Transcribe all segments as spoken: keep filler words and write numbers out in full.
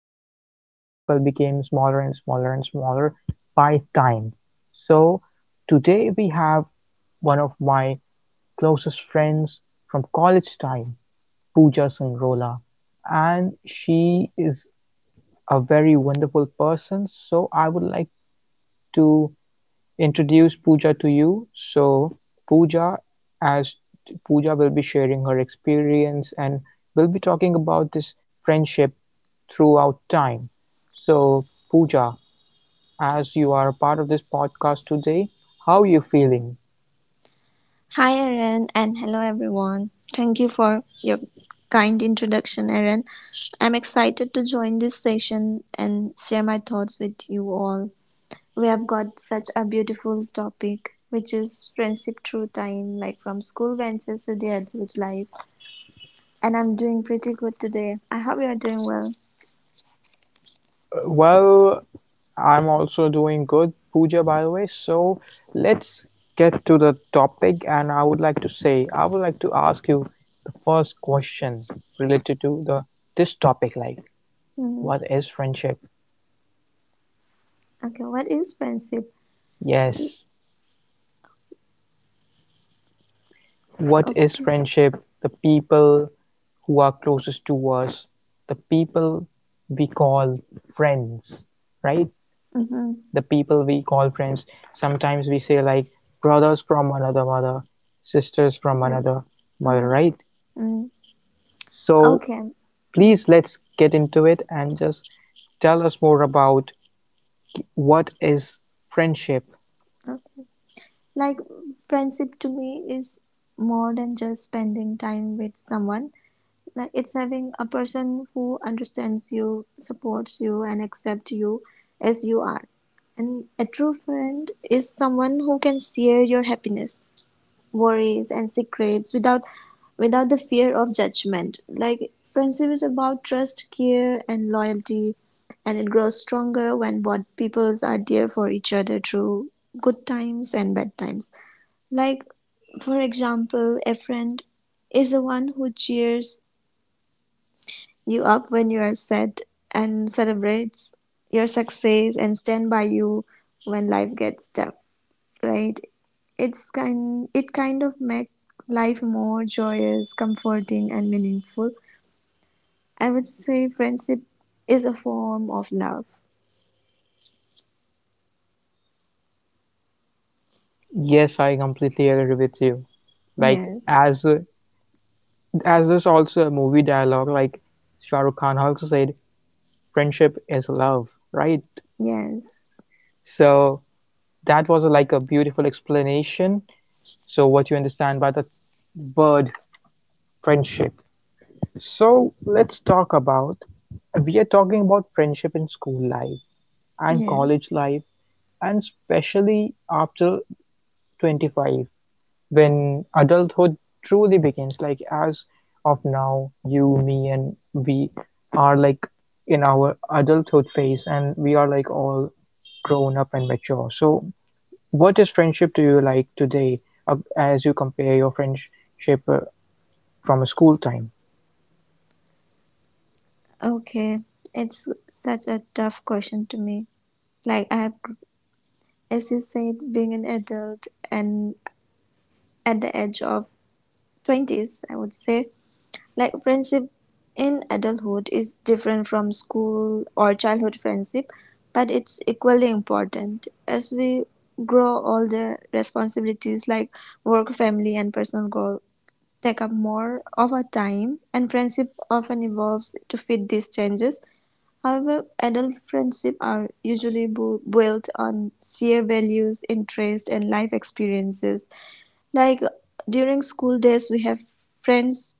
our friend circle became smaller and smaller and smaller by time. So today we have one of my closest friends from college time, Pooja Sangrola, and she is a very wonderful person. So I would like to introduce Pooja to you. so Pooja as Pooja will be sharing her experience and we'll be talking about this friendship throughout time. So Pooja, as you are a part of this podcast today, how are you feeling? Hi, Aaron, and hello, everyone. Thank you for your kind introduction, Aaron. I'm excited to join this session and share my thoughts with you all. We have got such a beautiful topic, which is friendship through time, like from school ventures to the adult life. And I'm doing pretty good today. I hope you are doing well. Well, I'm also doing good, Pooja, by the way. So let's get to the topic, and I would like to say, I would like to ask you the first question related to the this topic, like, hmm what is friendship? Okay, what is friendship? Yes, what is Okay. friendship? The people who are closest to us, the people we call friends, right? Mm-hmm. The people we call friends. Sometimes we say, like, brothers from another mother, sisters from Yes. another mother, Mm-hmm. right? Mm-hmm. So Okay. please, let's get into it and just tell us more about what is friendship. Mm. Like, friendship to me is more than just spending time with someone. Like, it's having a person who understands you, supports you, and accepts you as you are. And a true friend is someone who can share your happiness, worries, and secrets without without the fear of judgment. Like friendship is about trust, care, and loyalty, and it grows stronger when both peoples are there for each other through good times and bad times. Like, for example, a friend is the one who cheers you up when you are sad and celebrates your success and stand by you when life gets tough, right? It's kind it kind of makes life more joyous, comforting and meaningful. I would say friendship is a form of love. Yes, I completely agree with you. Like Yes. as uh, As there's also a movie dialogue, like Shah Rukh Khan also said, friendship is love, right? Yes. So that was like a beautiful explanation. So what you understand by the word friendship. So let's talk about We are talking about friendship in school life and Yeah. college life, and especially after twenty-five, when adulthood truly begins. Like as of now, you, me and we are like in our adulthood phase, and we are like all grown up and mature. So what is friendship to you like today, uh, as you compare your friendship uh, from a school time? Okay. It's such a tough question to me. Like I've As you said, being an adult and at the age of twenties, I would say, like friendship in adulthood is different from school or childhood friendship, but it's equally important. As we grow older, responsibilities like work, family, and personal goal take up more of our time, and friendship often evolves to fit these changes. However, adult friendships are usually built on shared values, interests, and life experiences. Like during school days, we have friends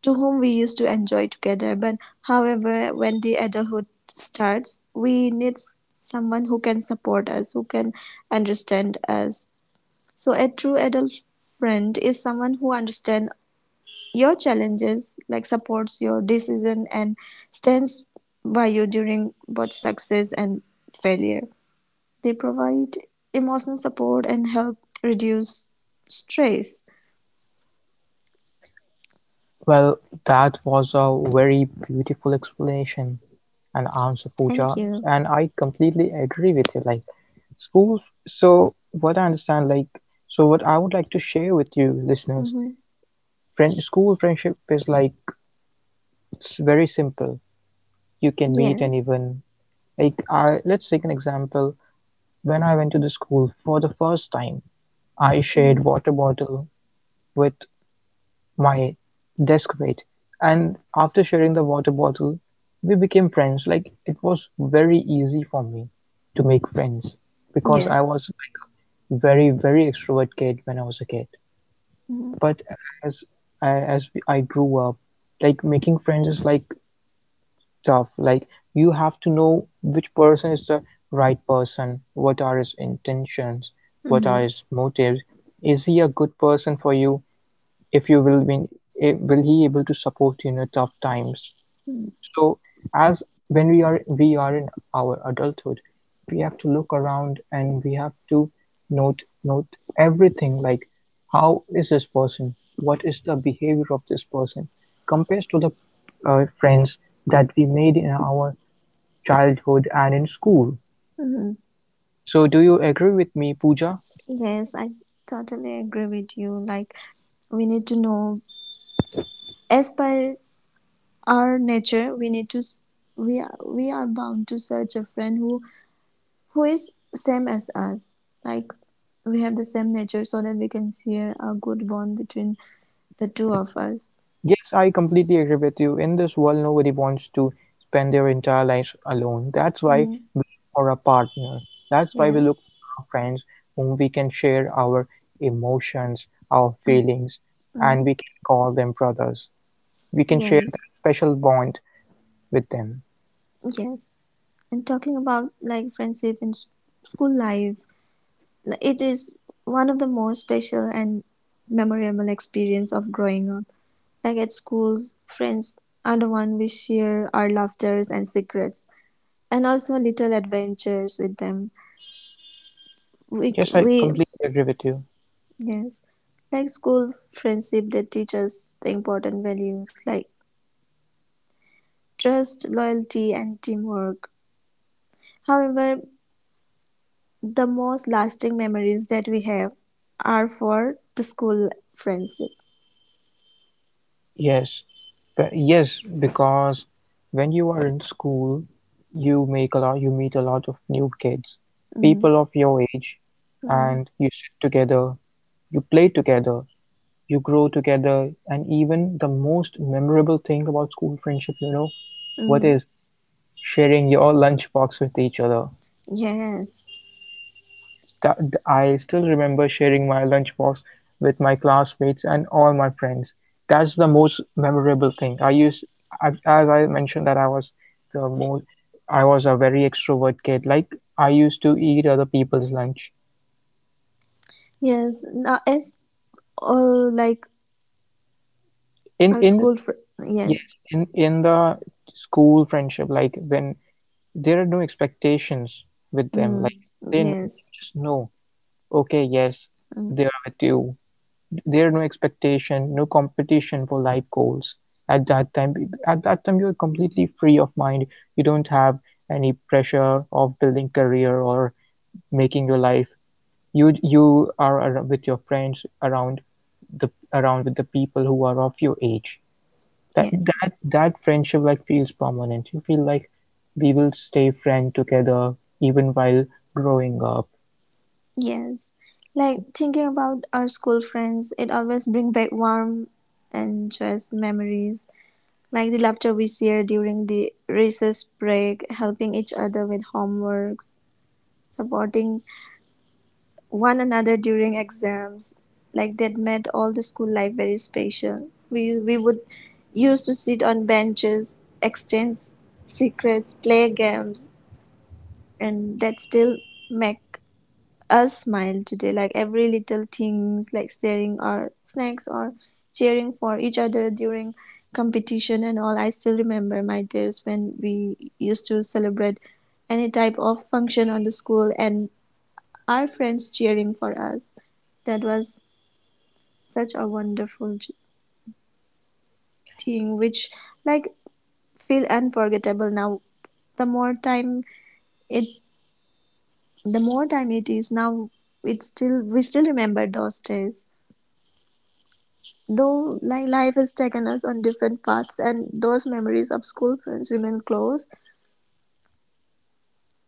to whom we used to enjoy together. But however, when the adulthood starts, we need someone who can support us, who can understand us. So a true adult friend is someone who understands your challenges like supports your decision and stands by you during both success and failure. They provide emotional support and help reduce stress. Well, that was a very beautiful explanation and answer, Thank Pooja, you. and I completely agree with you. Like Schools, so What I understand, like, so what I would like to share with you listeners, Mm-hmm. friend, school friendship is like, it's very simple. You can meet Yes. anyone. Like, I, let's take an example. When I went to the school for the first time, I Mm-hmm. shared water bottle with my desk mate. And after sharing the water bottle, we became friends. Like, it was very easy for me to make friends because I Yes. was like a very, very extrovert kid when I was a kid. Mm-hmm. But as I, as we- I grew up, like making friends is like tough. Like you have to know which person is the right person, what are his intentions, what Mm-hmm. are his motives. Is he a good person for you? If you will be, eh, will he able to support you in your tough times? So as when we are we are in our adulthood, we have to look around and we have to note note everything, like how is this person? What is the behavior of this person compared to the uh, friends that we made in our childhood and in school? Mm-hmm. So do you agree with me, Pooja? Yes, I totally agree with you. Like we need to know as per our nature, we need to s- we are we are bound to search a friend who who is same as us, like we have the same nature so that we can share a good bond between the two of us. Yes, I completely agree with you. In this world, nobody wants to spend their entire lives alone. That's why Mm-hmm. we look for a partner. That's why Yeah. we look for our friends, whom we can share our emotions, our feelings, Mm-hmm. and we can call them brothers. We can share Yes. that special bond with them. Yes. And talking about like friendship in school life, like, it is one of the most special and memorable experience of growing up. Like at schools, friends are the one we share our laughters and secrets and also little adventures with them. We, Yes, I we completely agree with you. Yes. Like school friendship, they teach us the important values like trust, loyalty, and teamwork. However, the most lasting memories that we have are for the school friendship. Yes, but yes, because when you are in school, you make a lot, you meet a lot of new kids, Mm, people of your age, mm, and you sit together, you play together, you grow together, and even the most memorable thing about school friendship, you know what mm. is, sharing your lunchbox with each other. Yes. Th- I still remember sharing my lunchbox with my classmates and all my friends. That's the most memorable thing. I used, as as I mentioned, that I was the most, I was a very extrovert kid. Like I used to eat other people's lunch. Yes. Now, as all like In our school, in fr- Yes. Yes, in in the school friendship, like when there are no expectations with them, Mm, like they kn- you yes. just know, okay, yes, Mm, they are with you. There no expectation, no competition for life goals at that time. At that time, you're completely free of mind. You don't have any pressure of building career or making your life. You you are ar- with your friends around the around with the people who are of your age. That yes. that that friendship like feels permanent. You feel like we will stay friend together even while growing up. Yes. Like thinking about our school friends, it always brings back warm and joyous memories. Like the laughter we shared during the recess break, helping each other with homeworks, supporting one another during exams. Like that made all the school life very special. We we would Used to sit on benches, exchange secrets, play games, and that still make us smile today. Like every little things like sharing our snacks or cheering for each other during competition and all. I still remember my days when we used to celebrate any type of function on the school and our friends cheering for us. That was such a wonderful j- thing which like feel unforgettable now. the more time it the more time it is now, it's still we still remember those days. Though li- life has taken us on different paths, and those memories of school friends remain close,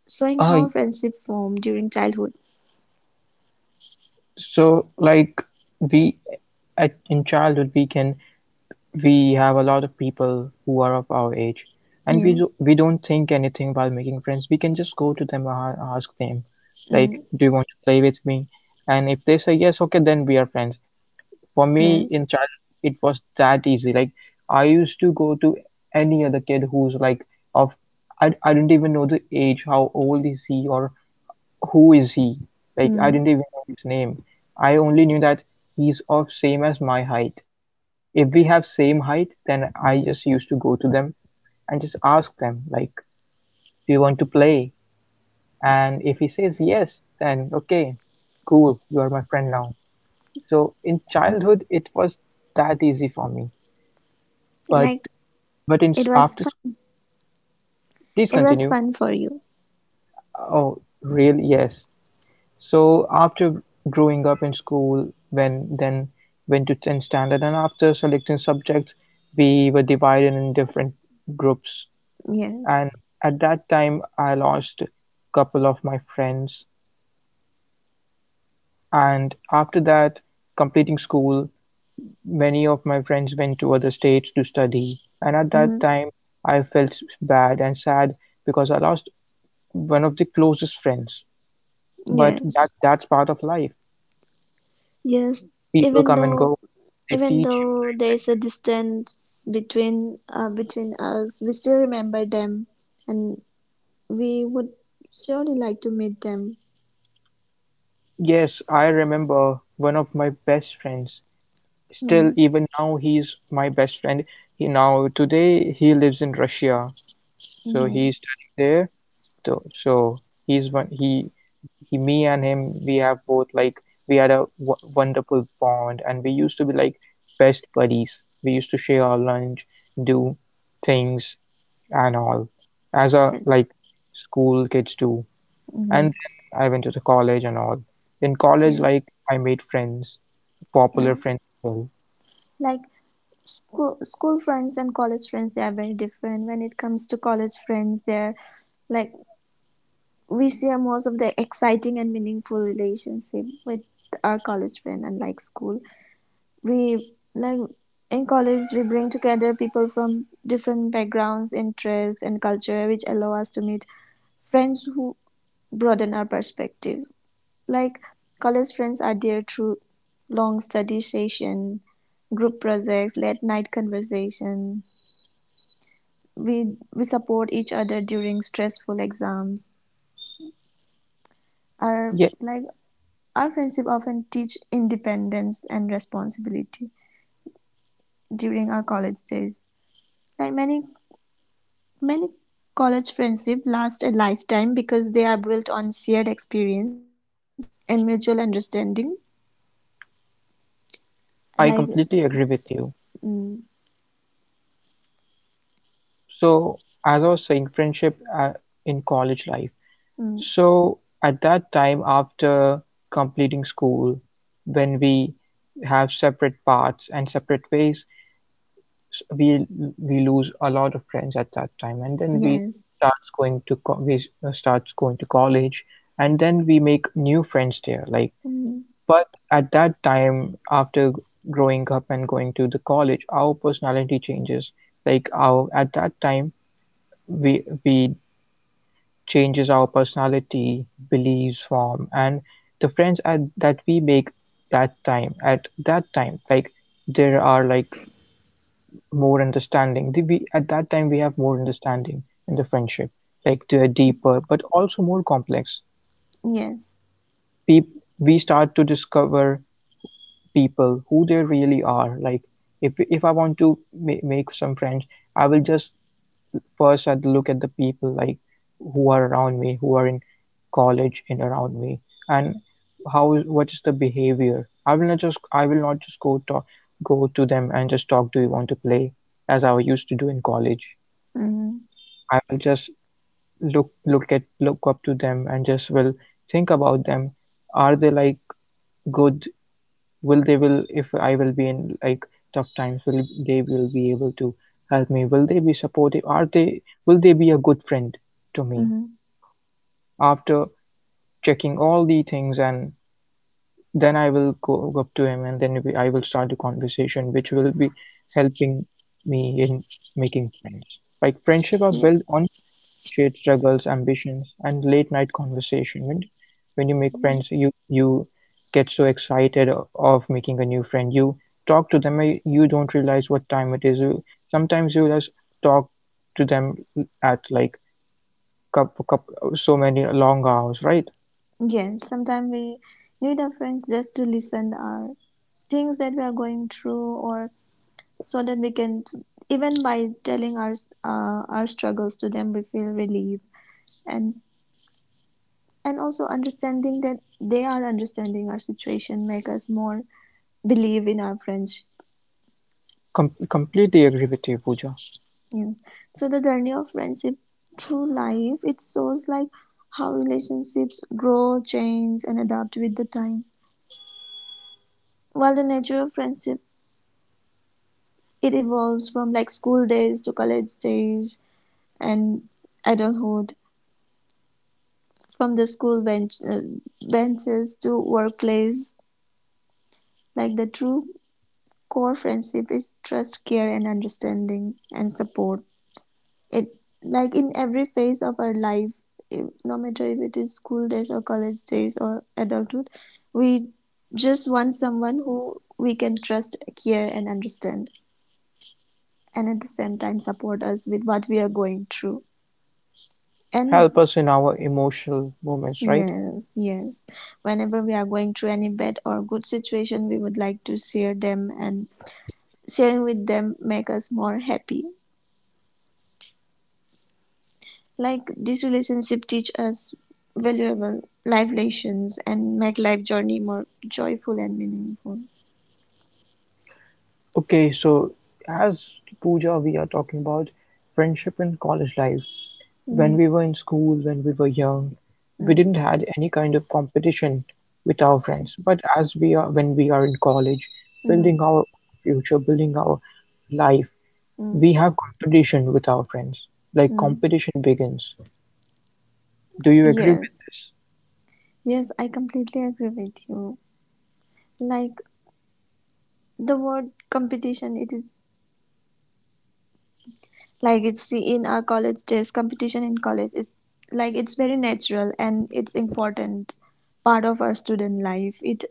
showing Uh, how friendship formed during childhood. so like we at in childhood we can, we have a lot of people who are of our age, and we do, Yes. we don't think anything while making friends. We can just go to them and ask them, like, Mm, "Do you want to play with me?" And if they say yes, okay, then we are friends. For me, in yes. childhood, it was that easy. Like, I used to go to any other kid who's like of, I, I didn't even know the age, how old is he, or who is he. Like, I Mm. didn't even know his name. I only knew that he's of same as my height. If we have same height, then I just used to go to them and just ask them, like, do you want to play? And if he says yes, then okay, cool, you are my friend now. So in childhood it was that easy for me. but Like, but in it was after fun. please It was continue. fun for you. Oh, really? Yes. So after growing up in school, when then went to tenth standard, and after selecting subjects we were divided in different groups, Yes. and at that time I lost a couple of my friends. And after that, completing school, many of my friends went to other states to study, and at that Mm-hmm. time I felt bad and sad because I lost one of the closest friends. But Yes. that that's part of life. Yes. People Even come and though go, they Even teach you though life there is a lessons. distance between uh, between us, we still remember them, and we would surely like to meet them. Yes, I remember one of my best friends, still even now he's my best friend. He now Today he lives in Russia. So Mm-hmm. he's studying there. So, so he's one. He, he, me and him, we have both like, we had a w wonderful bond, and we used to be like best buddies. We used to share our lunch, do things and all, as a That's. like school kids do. And Mhm. then I went to the college and all. In college, Yes, like I made friends, yeah. popular friends as well. Like school school friends and college friends, they are very different. When it comes to college friends, they're like, we share most of the exciting and meaningful relationship with our college friend unlike school. We like in college we bring together people from different backgrounds, interests and culture which allow us to meet friends who broaden our perspective. Like, college friends are there through long study session, group projects, late night conversation. We we support each other during stressful exams. Our Yeah, like our friendship often teach independence and responsibility during our college days. Like many many college friendship last a lifetime because they are built on shared experience and mutual understanding. I Like completely agree with you. mm, So, as I was saying, friendship uh, in college life, mm, so at that time, after completing school, when we have separate paths and separate ways, s- we we lose a lot of friends at that time, and then we yes. starts going to co- we uh, starts going to college, and then we make new friends there. Like, Mm, but at that time after g- growing up and going to the college, our personality changes. Like our at that time we we changes our personality, beliefs, form, and the friends at, that we make that time at that time. Like there are like more understanding. The, we at that time we have more understanding in the friendship. Like they're deeper, but also more complex. yes. Peop- we start to discover people who they really are. Like if if I want to ma- make some friends, I will just, first I'd look at the people like who are around me, who are in college and around me, and how what is the behavior. I will not just I will not just go talk go to them and just talk. Do you want to play? As I used to do in college. Mm-hmm. I will just look look at look up to them and just will think about them. Are they like good, will they will, if I will be in like tough times, will they will be able to help me, will they be supportive, are they, will they be a good friend to me? Mm-hmm. After checking all the things, and then I will go up to him, and then we- I will start the conversation, which will be helping me in making friends. Like friendship are built Yes. on shared struggles, ambitions, and late night conversation. When when you make Mhm. friends, you you get so excited of making a new friend. You talk to them, eh, you don't realize what time it is. You sometimes you just talk to them at like cup, cup so many long hours, right? Yes. Sometimes we need our friends just to listen our things that we are going through, or so that we can even by telling our uh, our struggles to them, we feel relief, and and also understanding that they are understanding our situation make us more believe in our friendship. Com- completely agree with you, Pooja. Yeah. So the journey of friendship through life, it shows like how relationships grow, change, and adapt with the time. While the nature of friendship, it evolves from like school days to college stage and adulthood, from the school bench, uh, benches to workplace. Like the true core friendship is trust, care, and understanding and support. It like in every phase of our life, if- no matter if it is school days or college days or adulthood, we just want someone who we can trust, care, and understand, and at the same time support us with what we are going through. And Help us in our emotional moments, right? yes, yes. Whenever we are going through any bad or good situation, we would like to share them, and sharing with them make us more happy. Like this relationship teach us valuable life lessons and make life journey more joyful and meaningful. Okay, so as Pooja, we are talking about friendship in college life. When Mm, we were in school, when we were young, we mm, didn't had any kind of competition with our friends. But as we are, when we are in college, mm, building our own future, building our life, mm, we have competition with our friends. Like mm. competition begins. Do you agree with Yes, this? yes, I completely agree with you. Like the word competition, it is like it's the in our college days, competition in college is like it's very natural and it's important part of our student life. It,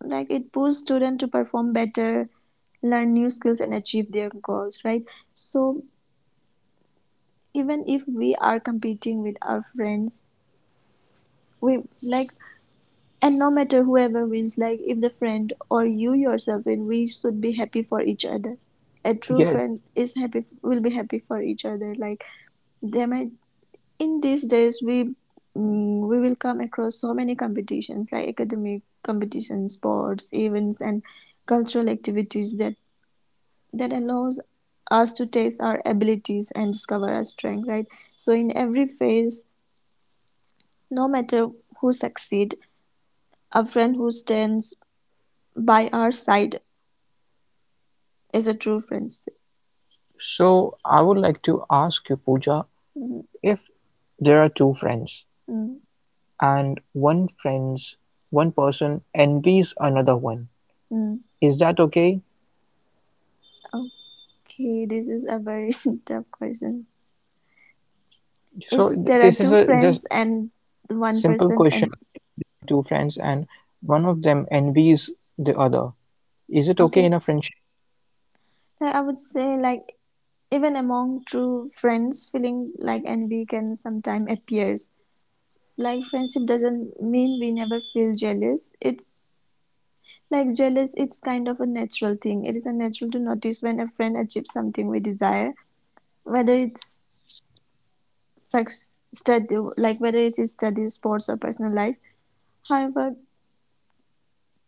like, it pushes students to perform better, learn new skills and achieve their goals, right? So even if we are competing with our friends, we like, and no matter whoever wins, like if the friend or you yourself win, we should be happy for each other. A true Yes. friend is happy, will be happy for each other. Like they might in these days we mm, we will come across so many competitions like academic competitions, sports events and cultural activities that that allows us to test our abilities and discover our strength, right? So in every phase, no matter who succeed, a friend who stands by our side is a true friendship. So I would like to ask you, Pooja, Mm, if there are two friends. mm, And one friends one person envies another one. mm. Is that okay? Okay, this is a very tough question. If So th- there are this is two a just friends and one simple person and question, like if there are two friends and one of them envies the other, is it okay okay. in a friendship? Like I would say, like even among true friends, feeling like envy can sometimes appears. Like friendship doesn't mean we never feel jealous. It's like jealous. It's kind of a natural thing. It is a natural to notice when a friend achieves something we desire, whether it's such study, like whether it is study, sports, or personal life. However,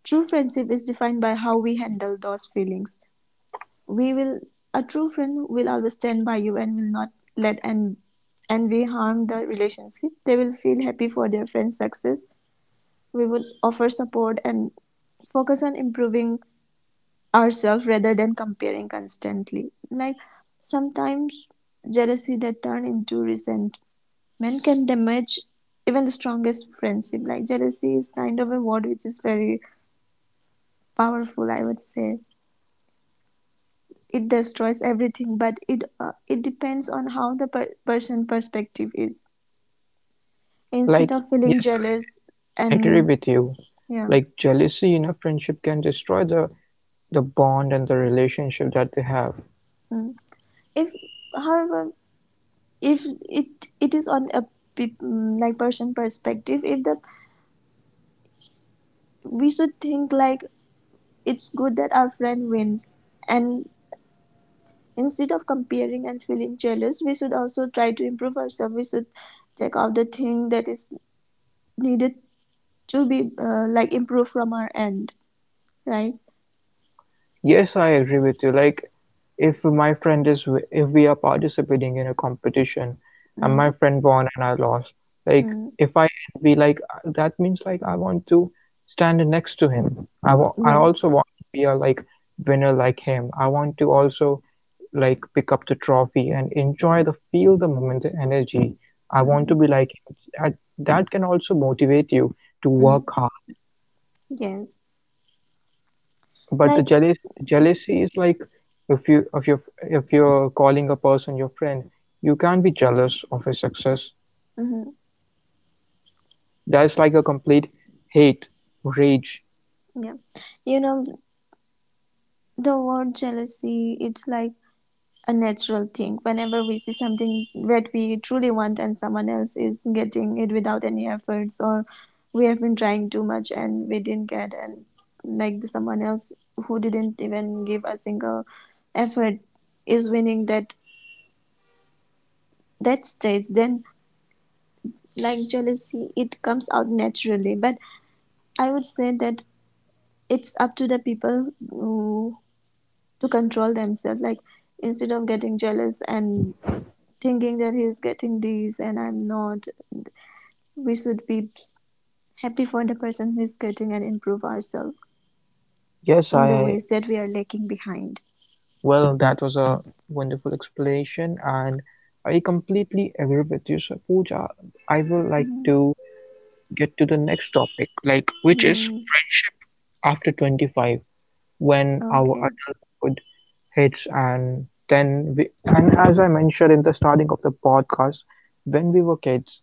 true friendship is defined by how we handle those feelings. We will A true friend will always stand by you and will not let and envy harm the relationship. They will feel happy for their friend's success. We will offer support and focus on improving ourselves rather than comparing constantly. Like sometimes jealousy that turn into resentment can damage even the strongest friendship. Like jealousy is kind of a word which is very powerful, I would say. It destroys everything, but it uh, it depends on how the per- person perspective is. Instead Like, of feeling yes, I jealous agree and with you. yeah, Like jealousy in a friendship can destroy the the bond and the relationship that they have. mm. If however if it it is on a pe- mm, like person perspective, if the, we should think like it's good that our friend wins, and instead of comparing and feeling jealous we should also try to improve ourselves. We should take out the thing that is needed to be uh, like improve from our end, right? Yes, I agree with you. Like, if my friend is, w- if we are participating in a competition and Mm, my friend won and I lost, like, mm, if I envy, like, uh, that means, like, I want to stand next to him. I wa- I yes, also want to be a, like, winner like him. I want to also, like, pick up the trophy and enjoy the feel, the moment, the energy. I want mm-hmm, to be like him. It's, I, that can also motivate you to mm, work hard. yes. But the Like, jealous jealousy is like, if you if you if you're calling a person your friend, you can't be jealous of his success. hmm, That's like a complete hate, rage. yeah, you know, the word jealousy, it's like a natural thing. Whenever we see something that we truly want and someone else is getting it without any efforts, or we have been trying too much and we didn't get, and like the someone else who didn't even give a single effort is winning that that stage, then like jealousy, it comes out naturally. But I would say that it's up to the people who, to control themselves, like instead of getting jealous and thinking that he's getting these and I'm not, we should be happy for the person who is getting and improve ourselves Yes, in the I ways that we are lacking behind. well, that was a wonderful explanation, and I completely agree with you, so Pooja. I would like Mhm. to get to the next topic, like which is Mm. friendship after twenty-five, when our Okay. adulthood hits. And then we and as I mentioned in the starting of the podcast, when we were kids,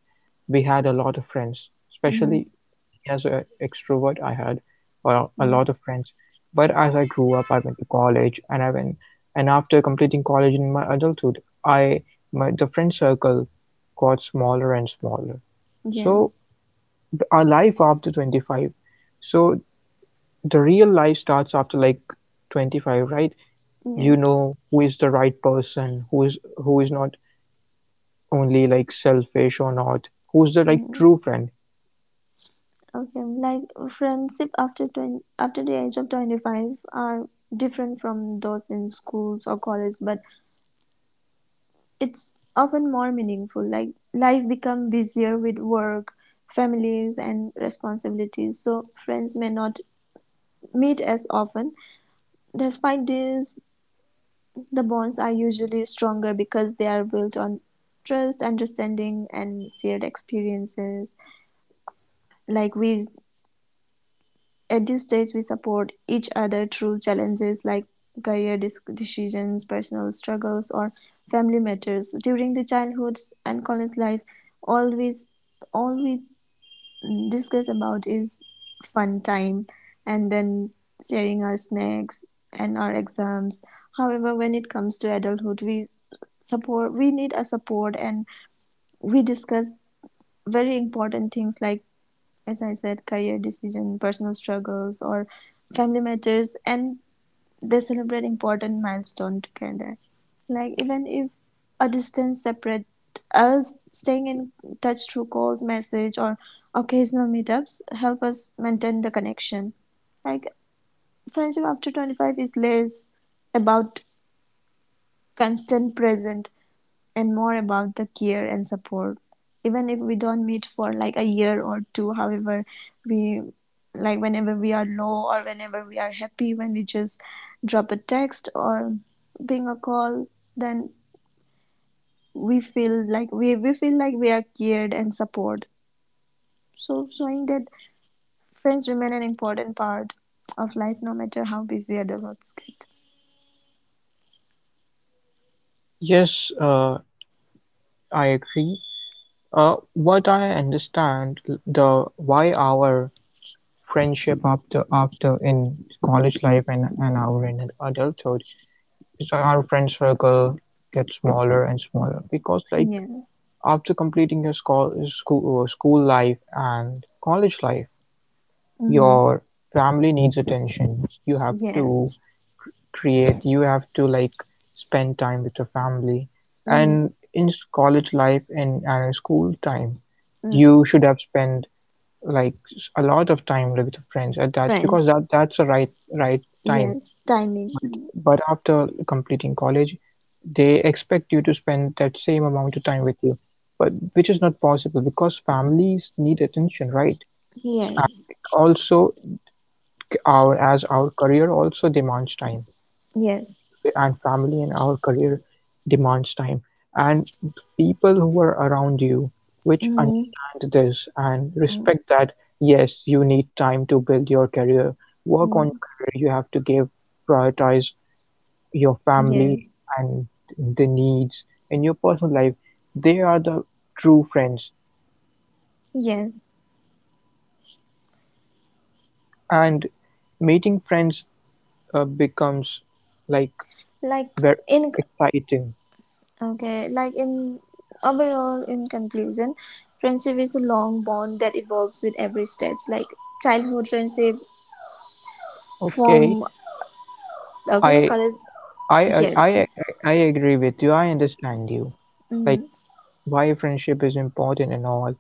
we had a lot of friends, Mhm. especially me. As an extrovert, I had uh, a Mm. lot of friends. But as I grew up, I went to college, and I went and after completing college in my adulthood, I my the friend circle got smaller and smaller. So Yes, th- our life after twenty-five, so the real life starts after like twenty-five, right? You yes. know who is the right person, who is who is not only like selfish or not, who's the like Mm. true friend. Okay, like friendship after twenty, after the age of twenty-five are different from those in schools or college, but it's often more meaningful. Like life becomes busier with work, families, and responsibilities, so friends may not meet as often. Despite this, the bonds are usually stronger because they are built on trust, understanding, and shared experiences. Like we at this stage, we support each other through challenges like career decisions, personal struggles, or family matters. During the childhood and college life, always all we discuss about is fun time and then sharing our snacks and our exams. However, when it comes to adulthood, we support, we need a support, and we discuss very important things like, as I said, career decision, personal struggles or family matters, and they celebrate important milestones together. Like even if a distance separate us, staying in touch through calls, message, or occasional meetups help us maintain the connection. Like friendship after twenty-five is less about constant present and more about the care and support. Even if we don't meet for like a year or two, however, we like, whenever we are low or whenever we are happy, when we just drop a text or ping a call, then we feel like we, we feel like we are cared and supported. So showing that friends remain an important part of life no matter how busy other works get. Yes, uh, I agree. Uh, what I understand, the why our friendship after after in college life and, and our in adulthood is that our friend circle gets smaller and smaller, because like Yeah. after completing your school school, school life and college life, Mm-hmm. your family needs attention. You have Yes. to cr- create, you have to, like, spend time with your family. Mm-hmm. And in s- college life and, and in school time, Mm. you should have spent like s- a lot of time with your friends at that, because Friends. that that's the right right time. Yes, but timing. but after completing college, they expect you to spend that same amount of time with you, but which is not possible because families need attention, right? And Yes, also, our as our career also demands time with, yes. and family and our career demands time. And the people who are around you which Mm, understand this and mm, respect that, yes, you need time to build your career, work mm, on your career. You have to give, prioritize your family yes, and the needs in your personal life. They are the true friends. yes. And meeting friends uh, becomes like Like very in exciting. okay, like be- in overall in conclusion, friendship is a long bond that evolves with every stage. Like childhood friendship Okay, from okay I college. I I Yes. I I I agree with you. I understand you. Mm, Like why friendship is important and all.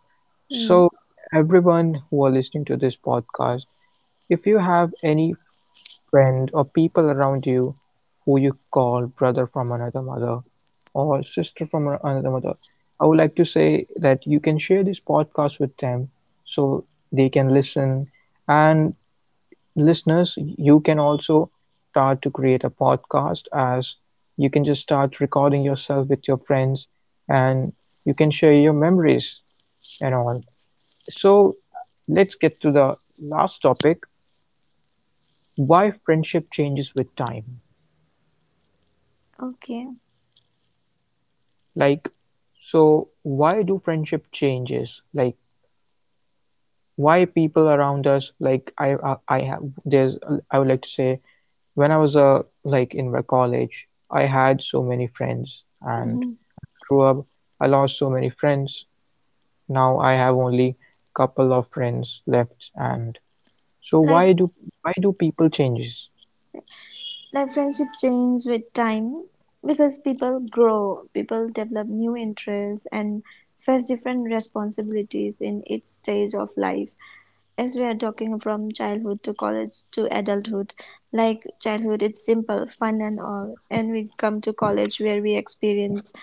mm, So, everyone who are listening to this podcast, if you have any friend or people around you who you call brother from another mother or sister from a- another mother, I would like to say that you can share this podcast with them so they can listen. And listeners, you can also start to create a podcast, as you can just start recording yourself with your friends, and you can share your memories and all. So, let's get to the last topic, why friendship changes with time. okay. Like, so why do friendship changes? Like, why people around us, like, I, I, I have, there's, I would like to say, when I was uh, like in my college, I had so many friends, and Mm. as I grew up, I lost so many friends. Now I have only couple of friends left, and so why Like do why do people changes? Like friendship change with time because people grow, people develop new interests and face different responsibilities in each stage of life. As we are talking from childhood to college to adulthood, like childhood it's simple fun and all, and we come to college where we experience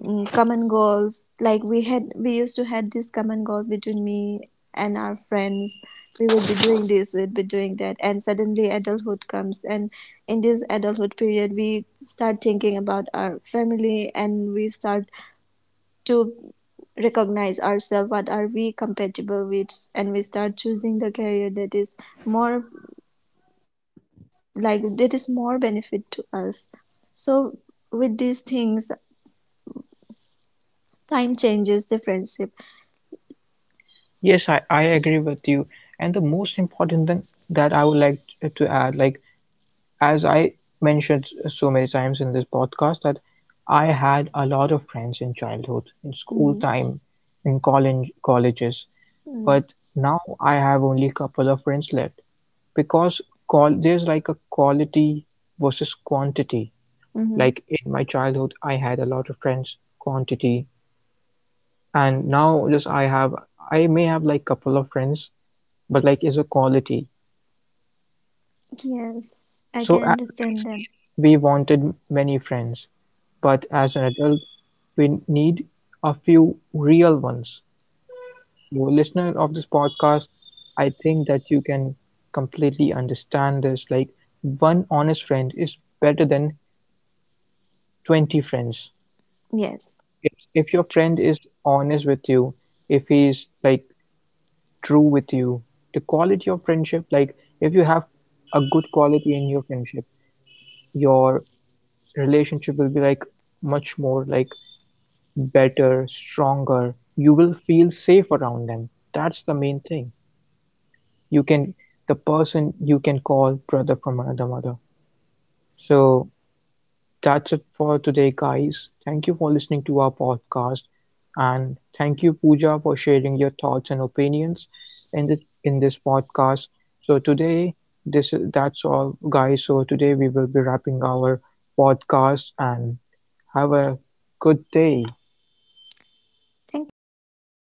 mm, common goals. Like we had, we used to had these common goals between me and our friends. We would be doing this, we'd be doing that, and suddenly adulthood comes, and in this adulthood period we start thinking about our family and we start to recognize ourselves what are we compatible with, and we start choosing the career that is more like that is more benefit to us. So with these things, time changes the friendship. Yes, I, I agree with you. And the most important thing that I would like t- to add, like as I mentioned so many times in this podcast, that I had a lot of friends in childhood, in school Mm, time, in college colleges, mm, but now I have only a couple of friends left, because qual- there's like a quality versus quantity. mhm. Like in my childhood, I had a lot of friends, quantity, and now just I have I may have like couple of friends, but like is a quality. Yes, I So, can a- understand as that. kids, we wanted many friends, but as an adult, we need a few real ones. So, listener of this podcast, I think that you can completely understand this. Like, one honest friend is better than twenty friends. Yes, If if your it- friend is honest with you, if he's like true with you, the quality of friendship, like if you have a good quality in your friendship, your relationship will be like much more like better, stronger. You will feel safe around them. That's the main thing. You can, the person you can call brother from another mother. So, that's it for today, guys. Thank you for listening to our podcast, and thank you, Pooja, for sharing your thoughts and opinions in this in this podcast. So today, this that's all, guys. So today we will be wrapping our podcast and have a good day. thank you, Aaron.